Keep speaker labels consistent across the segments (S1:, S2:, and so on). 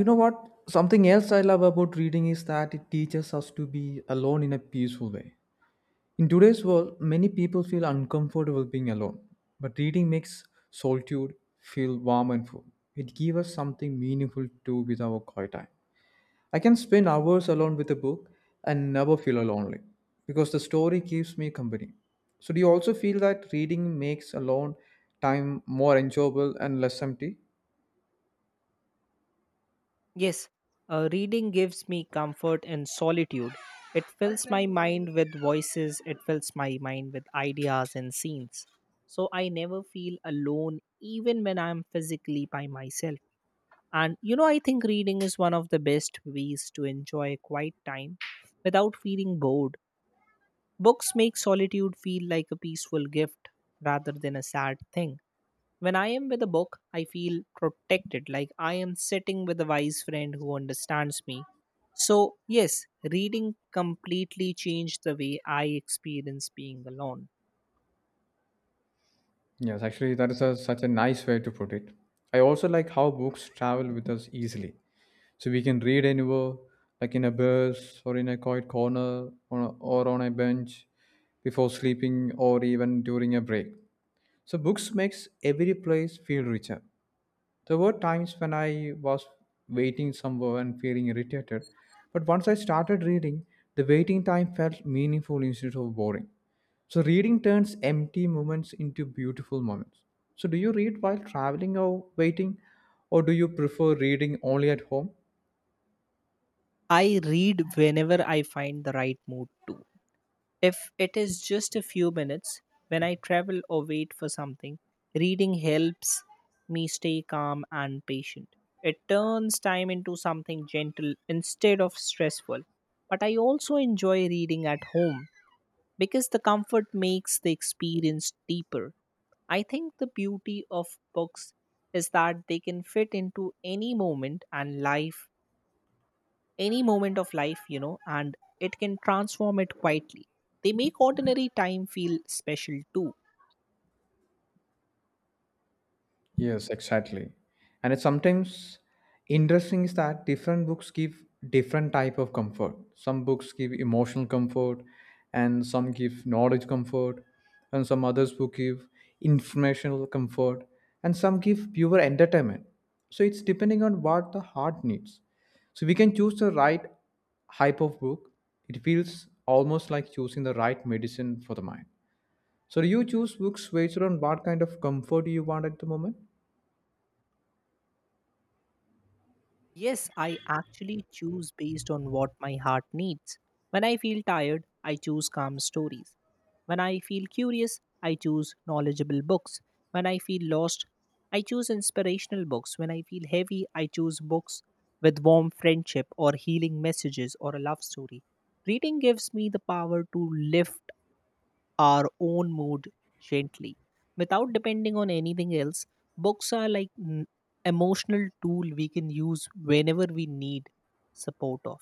S1: You know what? Something else I love about reading is that it teaches us to be alone in a peaceful way. In today's world, many people feel uncomfortable being alone, but reading makes solitude feel warm and full. It gives us something meaningful to do with our quiet time. I can spend hours alone with a book and never feel lonely because the story keeps me company. So, do you also feel that reading makes alone time more enjoyable and less empty?
S2: Yes, reading gives me comfort and solitude. It fills my mind with voices, it fills my mind with ideas and scenes. So I never feel alone, even when I'm physically by myself. And you know, I think reading is one of the best ways to enjoy quiet time without feeling bored. Books make solitude feel like a peaceful gift rather than a sad thing. When I am with a book, I feel protected, like I am sitting with a wise friend who understands me. So, yes, reading completely changed the way I experience being alone.
S1: Yes, actually, that is such a nice way to put it. I also like how books travel with us easily. So we can read anywhere, like in a bus or in a quiet corner or on a bench before sleeping or even during a break. So books makes every place feel richer. There were times when I was waiting somewhere and feeling irritated, but once I started reading, the waiting time felt meaningful instead of boring. So reading turns empty moments into beautiful moments. So do you read while traveling or waiting, or do you prefer reading only at home?
S2: I read whenever I find the right mood to. If it is just a few minutes, when I travel or wait for something, reading helps me stay calm and patient. It turns time into something gentle instead of stressful. But I also enjoy reading at home because the comfort makes the experience deeper. I think the beauty of books is that they can fit into any moment and life, any moment of life, you know, and it can transform it quietly. They make ordinary time feel special too.
S1: Yes, exactly. And it's sometimes interesting is that different books give different type of comfort. Some books give emotional comfort and some give knowledge comfort and some others who give informational comfort and some give pure entertainment. So it's depending on what the heart needs. So we can choose the right hype of book. It feels almost like choosing the right medicine for the mind. So do you choose books based on what kind of comfort you want at the moment?
S2: Yes, I actually choose based on what my heart needs. When I feel tired, I choose calm stories. When I feel curious, I choose knowledgeable books. When I feel lost, I choose inspirational books. When I feel heavy, I choose books with warm friendship or healing messages or a love story. Reading gives me the power to lift our own mood gently without depending on anything else. Books are like emotional tool we can use whenever we need support of.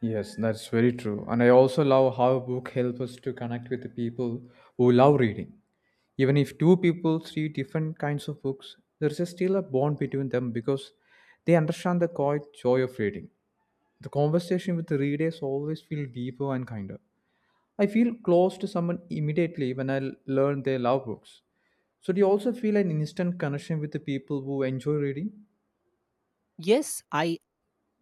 S1: Yes, that's very true. And I also love how a book helps us to connect with the people who love reading. Even if two people read different kinds of books, there is still a bond between them because they understand the quiet joy of reading. The conversation with the readers always feel deeper and kinder. I feel close to someone immediately when learn they love books. So do you also feel an instant connection with the people who enjoy reading?
S2: Yes, I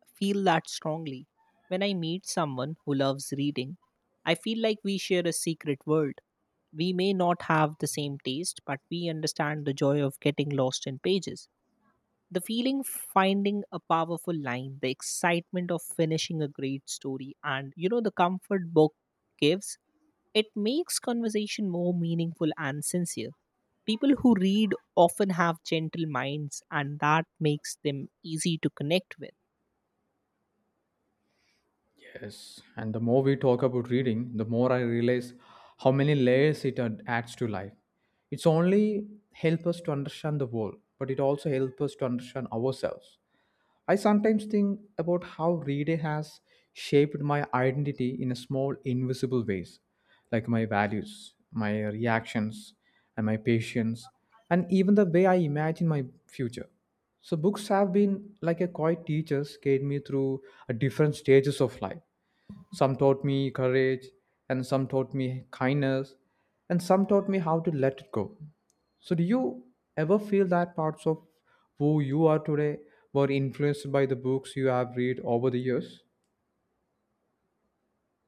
S2: feel that strongly. When I meet someone who loves reading, I feel like we share a secret world. We may not have the same taste, but we understand the joy of getting lost in pages. The feeling finding a powerful line, the excitement of finishing a great story, and you know, the comfort book gives, it makes conversation more meaningful and sincere. People who read often have gentle minds, and that makes them easy to connect with.
S1: Yes, and the more we talk about reading, the more I realize how many layers it adds to life. It's only help us to understand the world, but it also helps us to understand ourselves. I sometimes think about how reading has shaped my identity in a small invisible ways, like my values, my reactions, and my patience, and even the way I imagine my future. So books have been like a quiet teachers guide me through different stages of life. Some taught me courage and some taught me kindness and some taught me how to let it go. So do you ever feel that parts of who you are today were influenced by the books you have read over the years?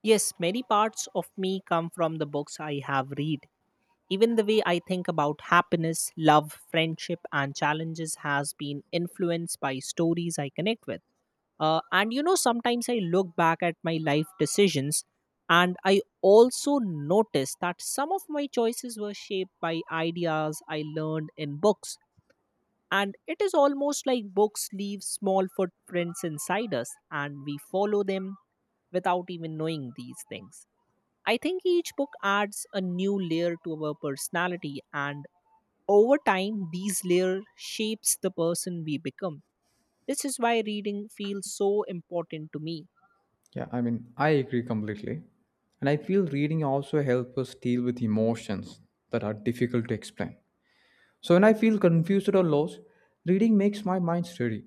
S2: Yes, many parts of me come from the books I have read. Even the way I think about happiness, love, friendship, and challenges has been influenced by stories I connect with. And you know, sometimes I look back at my life decisions and I also notice that some of my choices were shaped by ideas I learned in books. And it is almost like books leave small footprints inside us and we follow them without even knowing these things. I think each book adds a new layer to our personality, and over time, these layers shapes the person we become. This is why reading feels so important to me.
S1: Yeah, I mean, I agree completely. And I feel reading also helps us deal with emotions that are difficult to explain. So when I feel confused or lost, reading makes my mind steady.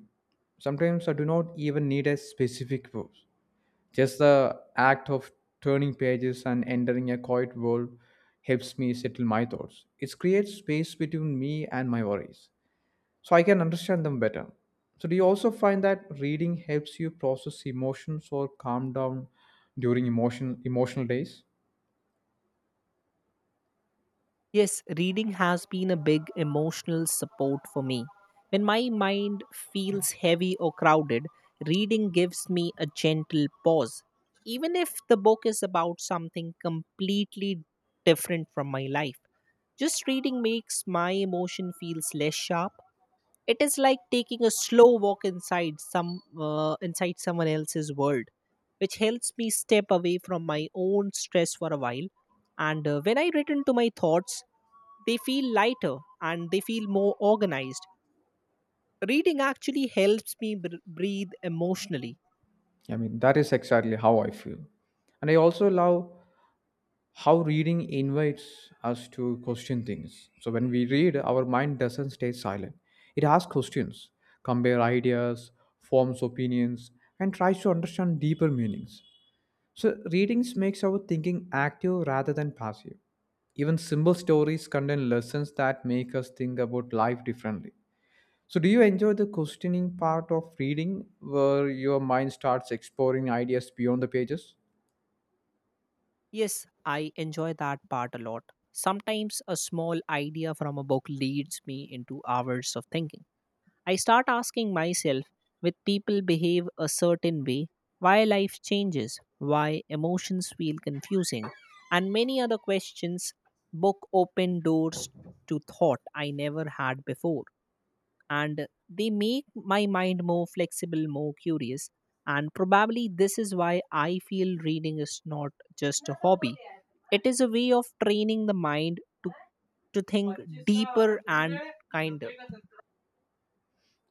S1: Sometimes I do not even need a specific verse. Just the act of turning pages and entering a quiet world helps me settle my thoughts. It creates space between me and my worries, so I can understand them better. So, do you also find that reading helps you process emotions or calm down during emotional days?
S2: Yes, reading has been a big emotional support for me. When my mind feels heavy or crowded, reading gives me a gentle pause. Even if the book is about something completely different from my life, just reading makes my emotion feels less sharp. It is like taking a slow walk inside some inside someone else's world, which helps me step away from my own stress for a while. And when I return to my thoughts, they feel lighter and they feel more organized. Reading actually helps me breathe emotionally.
S1: I mean, that is exactly how I feel. And I also love how reading invites us to question things. So when we read, our mind doesn't stay silent. It asks questions, compare ideas, forms opinions, and tries to understand deeper meanings. So readings makes our thinking active rather than passive. Even simple stories contain lessons that make us think about life differently. So do you enjoy the questioning part of reading where your mind starts exploring ideas beyond the pages?
S2: Yes, I enjoy that part a lot. Sometimes a small idea from a book leads me into hours of thinking. I start asking myself with people behave a certain way, why life changes, why emotions feel confusing, and many other questions. Book open doors to thought I never had before. And they make my mind more flexible, more curious. And probably this is why I feel reading is not just a hobby. It is a way of training the mind to, to think deeper and kinder.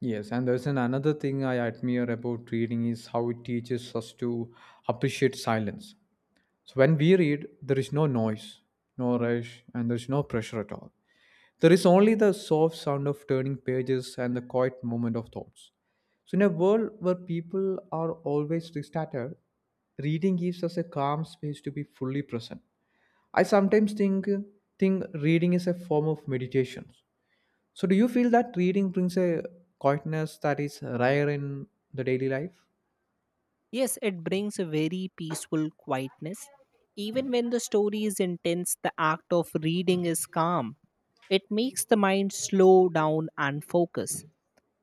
S1: Yes, and there's an another thing I admire about reading is how it teaches us to appreciate silence. So when we read, there is no noise, no rush, and there's no pressure at all. There is only the soft sound of turning pages and the quiet moment of thoughts. So in a world where people are always scattered, reading gives us a calm space to be fully present. I sometimes think reading is a form of meditation. So, do you feel that reading brings a quietness that is rare in the daily life?
S2: Yes, it brings a very peaceful quietness. Even when the story is intense, the act of reading is calm. It makes the mind slow down and focus.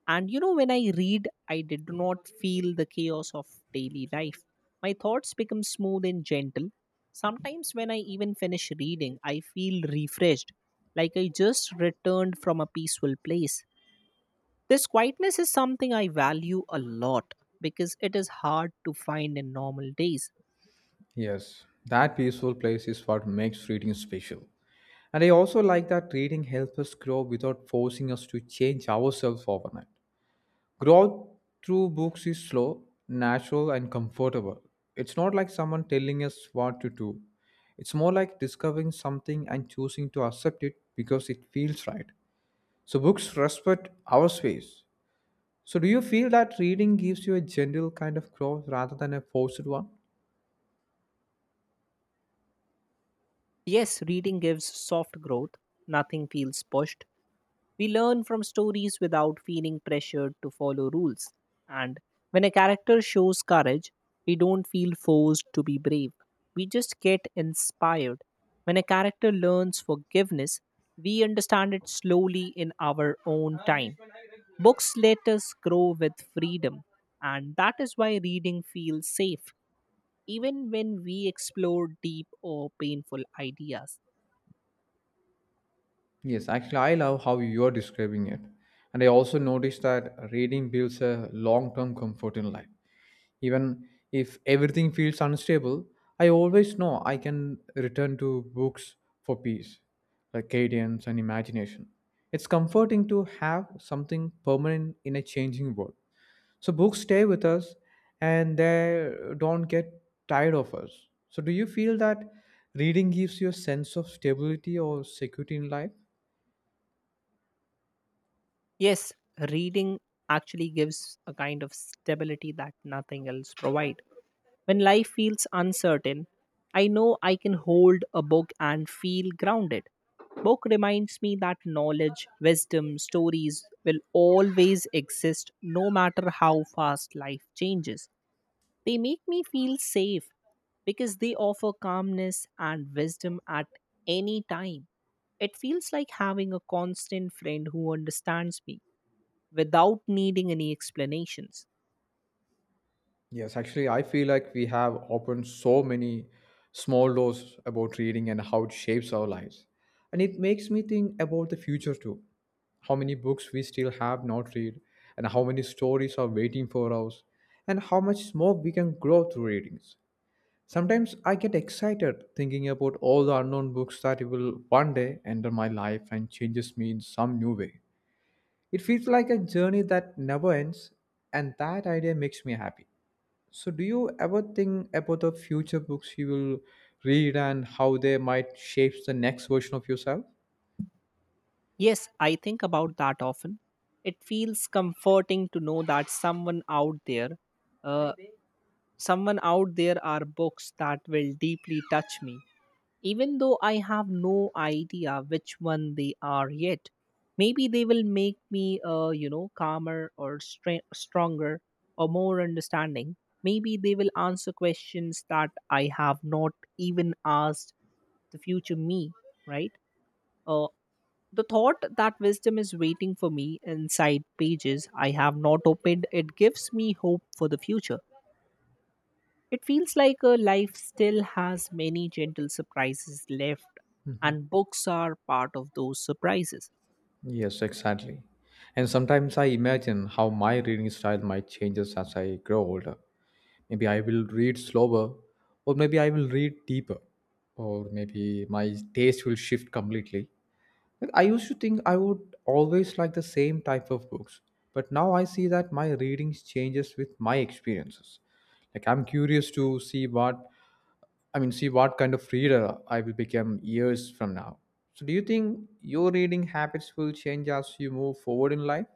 S2: And you know, when I read, I did not feel the chaos of daily life. My thoughts become smooth and gentle. Sometimes, when I even finish reading, I feel refreshed, like I just returned from a peaceful place. This quietness is something I value a lot because it is hard to find in normal days.
S1: Yes, that peaceful place is what makes reading special. And I also like that reading helps us grow without forcing us to change ourselves overnight. Growth through books is slow, natural, and comfortable. It's not like someone telling us what to do. It's more like discovering something and choosing to accept it because it feels right. So, books respect our space. So, do you feel that reading gives you a general kind of growth rather than a forced one?
S2: Yes, reading gives soft growth. Nothing feels pushed. We learn from stories without feeling pressured to follow rules. And when a character shows courage, we don't feel forced to be brave. We just get inspired. When a character learns forgiveness, we understand it slowly in our own time. Books let us grow with freedom, and that is why reading feels safe, even when we explore deep or painful ideas.
S1: Yes, actually, I love how you're describing it. And I also noticed that reading builds a long term comfort in life. Even if everything feels unstable, I always know I can return to books for peace, like cadence and imagination. It's comforting to have something permanent in a changing world. So books stay with us and they don't get tired of us. So do you feel that reading gives you a sense of stability or security in life?
S2: Yes, reading actually gives a kind of stability that nothing else provide. When life feels uncertain, I know I can hold a book and feel grounded. Book reminds me that knowledge, wisdom, stories will always exist no matter how fast life changes. They make me feel safe because they offer calmness and wisdom at any time. It feels like having a constant friend who understands me without needing any explanations.
S1: Yes, actually, I feel like we have opened so many small doors about reading and how it shapes our lives. And it makes me think about the future too. How many books we still have not read, and how many stories are waiting for us, and how much more we can grow through readings. Sometimes I get excited thinking about all the unknown books that will one day enter my life and changes me in some new way. It feels like a journey that never ends, and that idea makes me happy. So, do you ever think about the future books you will read and how they might shape the next version of yourself?
S2: Yes, I think about that often. It feels comforting to know that uh, someone out there are books that will deeply touch me, even though I have no idea which one they are yet. Maybe they will make me, you know, calmer or stronger or more understanding. Maybe they will answer questions that I have not even asked the future me, right? Uh, the thought that wisdom is waiting for me inside pages I have not opened, it gives me hope for the future. It feels like a life still has many gentle surprises left,
S1: Mhm.
S2: and books are part of those surprises.
S1: Yes, exactly. And sometimes I imagine how my reading style might change as I grow older. Maybe I will read slower or maybe I will read deeper or maybe my taste will shift completely. Like, I used to think I would always like the same type of books, but now I see that my readings changes with my experiences. Like I'm curious to see what I mean see what kind of reader I will become years from now. So do you think your reading habits will change as you move forward in life?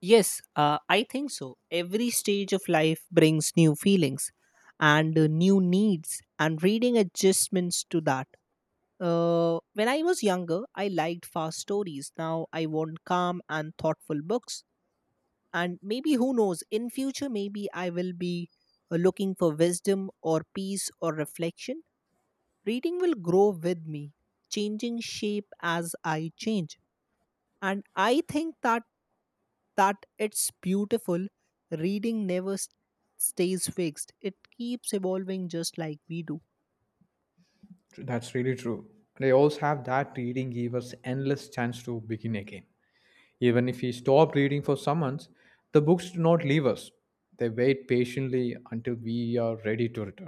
S2: Yes, I think so. Every stage of life brings new feelings and new needs and reading adjustments to that. When I was younger, I liked fast stories. Now I want calm and thoughtful books. And maybe, who knows, in future, maybe I will be looking for wisdom or peace or reflection. Reading will grow with me, changing shape as I change. And I think that it's beautiful. Reading never stays fixed, it keeps evolving just like we do.
S1: That's really true. They also have that reading give us endless chance to begin again. Even if we stop reading for summons, the books do not leave us. They wait patiently until we are ready to return.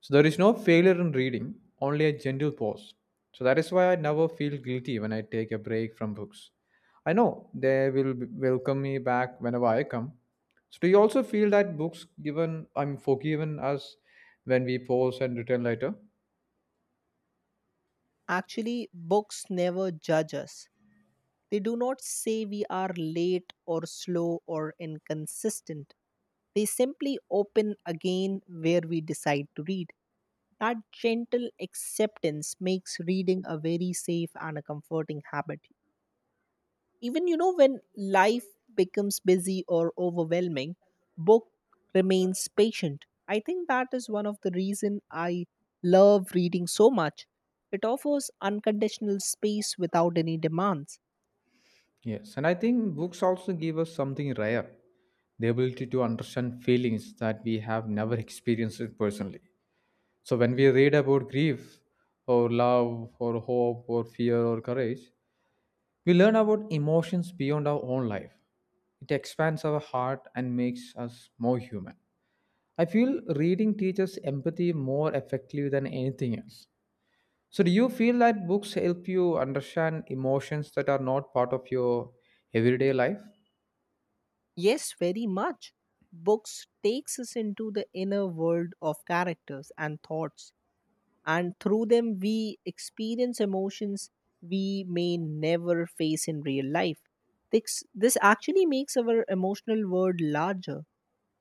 S1: So there is no failure in reading, only a gentle pause. So that is why I never feel guilty when I take a break from books. I know they will welcome me back whenever I come. So do you also feel that books given I'm forgiven us when we pause and return later?
S2: Actually, books never judge us. They do not say we are late or slow or inconsistent. They simply open again where we decide to read. That gentle acceptance makes reading a very safe and a comforting habit. Even you know when life becomes busy or overwhelming, book remains patient. I think that is one of the reason I love reading so much. It offers unconditional space without any demands.
S1: Yes, and I think books also give us something rare, the ability to understand feelings that we have never experienced it personally. So, when we read about grief, or love, or hope, or fear, or courage, we learn about emotions beyond our own life. It expands our heart and makes us more human. I feel reading teaches empathy more effectively than anything else. So, do you feel that books help you understand emotions that are not part of your everyday life?
S2: Yes, very much. Books takes us into the inner world of characters and thoughts and through them we experience emotions we may never face in real life. This actually makes our emotional world larger.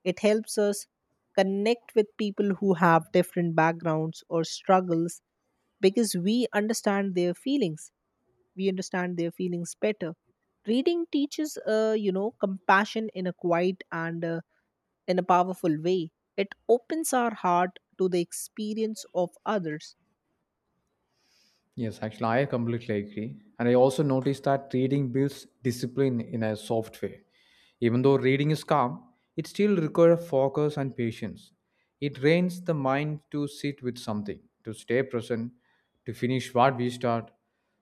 S2: It helps us connect with people who have different backgrounds or struggles because we understand their feelings. We understand their feelings better. Reading teaches, you know, compassion in a quiet and in a powerful way. It opens our heart to the experience of others.
S1: Yes, actually, I completely agree. And I also noticed that reading builds discipline in a soft way. Even though reading is calm, it still requires focus and patience. It trains the mind to sit with something, to stay present, to finish what we start.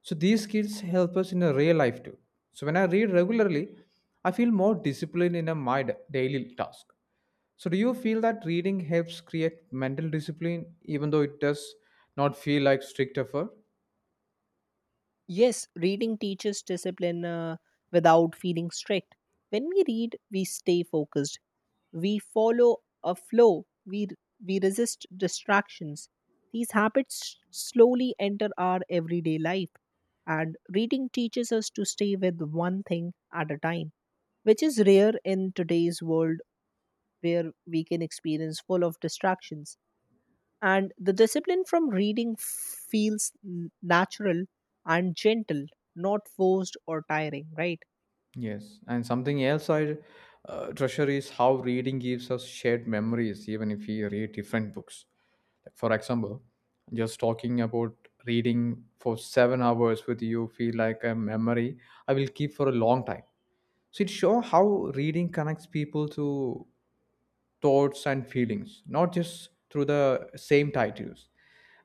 S1: So these skills help us in a real life too. So when I read regularly, I feel more disciplined in my daily task. So do you feel that reading helps create mental discipline, even though it does not feel like strict effort?
S2: Yes, reading teaches discipline without feeling strict. When we read, we stay focused. We follow a flow. We resist distractions. These habits slowly enter our everyday life, and reading teaches us to stay with one thing at a time, which is rare in today's world where we can experience full of distractions and the discipline from reading feels natural and gentle, not forced or tiring, right?
S1: Yes, and something else I treasure is how reading gives us shared memories, even if we read different books. Like for example, just talking about reading for 7 hours with you feel like a memory I will keep for a long time. So it shows how reading connects people to thoughts and feelings, not just through the same titles.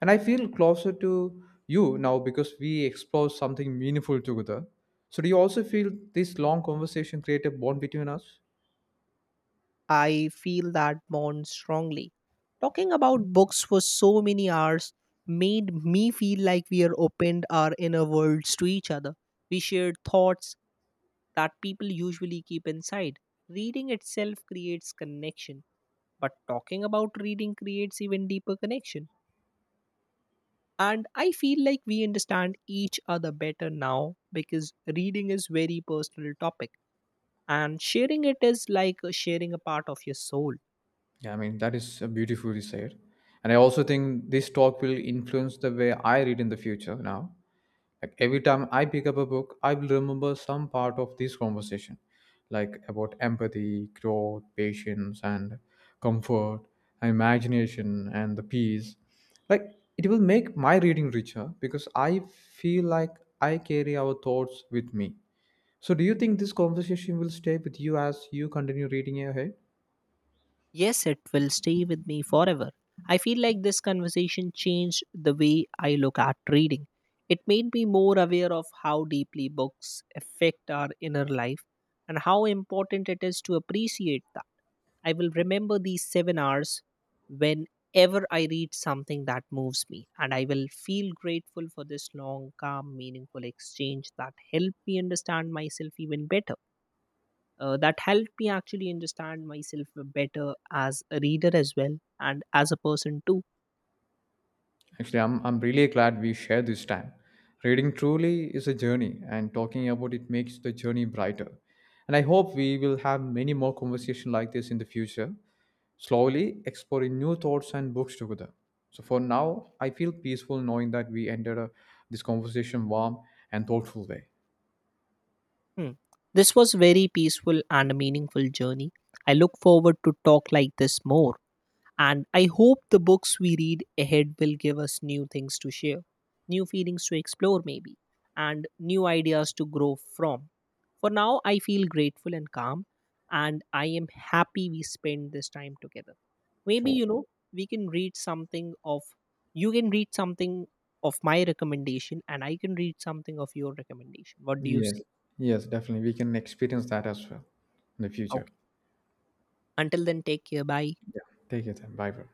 S1: And I feel closer to you now because we explore something meaningful together. So, do you also feel this long conversation create a bond between us?
S2: I feel that bond strongly. Talking about books for so many hours made me feel like we are opened our inner worlds to each other. We shared thoughts that people usually keep inside. Reading itself creates connection, but talking about reading creates even deeper connection. And I feel like we understand each other better now because reading is very personal topic and sharing it is like sharing a part of your soul.
S1: Yeah, I mean, that is beautifully said. And I also think this talk will influence the way I read in the future now. Like every time I pick up a book, I will remember some part of this conversation, like about empathy, growth, patience, and comfort, and imagination, and the peace. Like it will make my reading richer because I feel like I carry our thoughts with me. So, do you think this conversation will stay with you as you continue reading ahead?
S2: Yes, it will stay with me forever. I feel like this conversation changed the way I look at reading. It made me more aware of how deeply books affect our inner life and how important it is to appreciate that. I will remember these 7 hours whenever I read something that moves me, and I will feel grateful for this long, calm, meaningful exchange that helped me understand myself even better, that helped me actually understand myself better as a reader as well and as a person too.
S1: Actually, I'm really glad we shared this time. Reading truly is a journey, and talking about it makes the journey brighter. And I hope we will have many more conversations like this in the future, slowly exploring new thoughts and books together. So, for now, I feel peaceful knowing that we ended this conversation warm and thoughtful way.
S2: Hmm. This was very peaceful and meaningful journey. I look forward to talk like this more, and I hope the books we read ahead will give us new things to share, new feelings to explore maybe, and new ideas to grow from. For now, I feel grateful and calm, and I am happy we spent this time together. Maybe
S1: So,
S2: you know, we can read something of, you can read something of my recommendation and I can read something of your recommendation. What do you
S1: yes,
S2: say?
S1: yes, definitely. We can experience that as well in the future.
S2: Okay, until then, take care. Bye.
S1: Take it then. Bye, bro.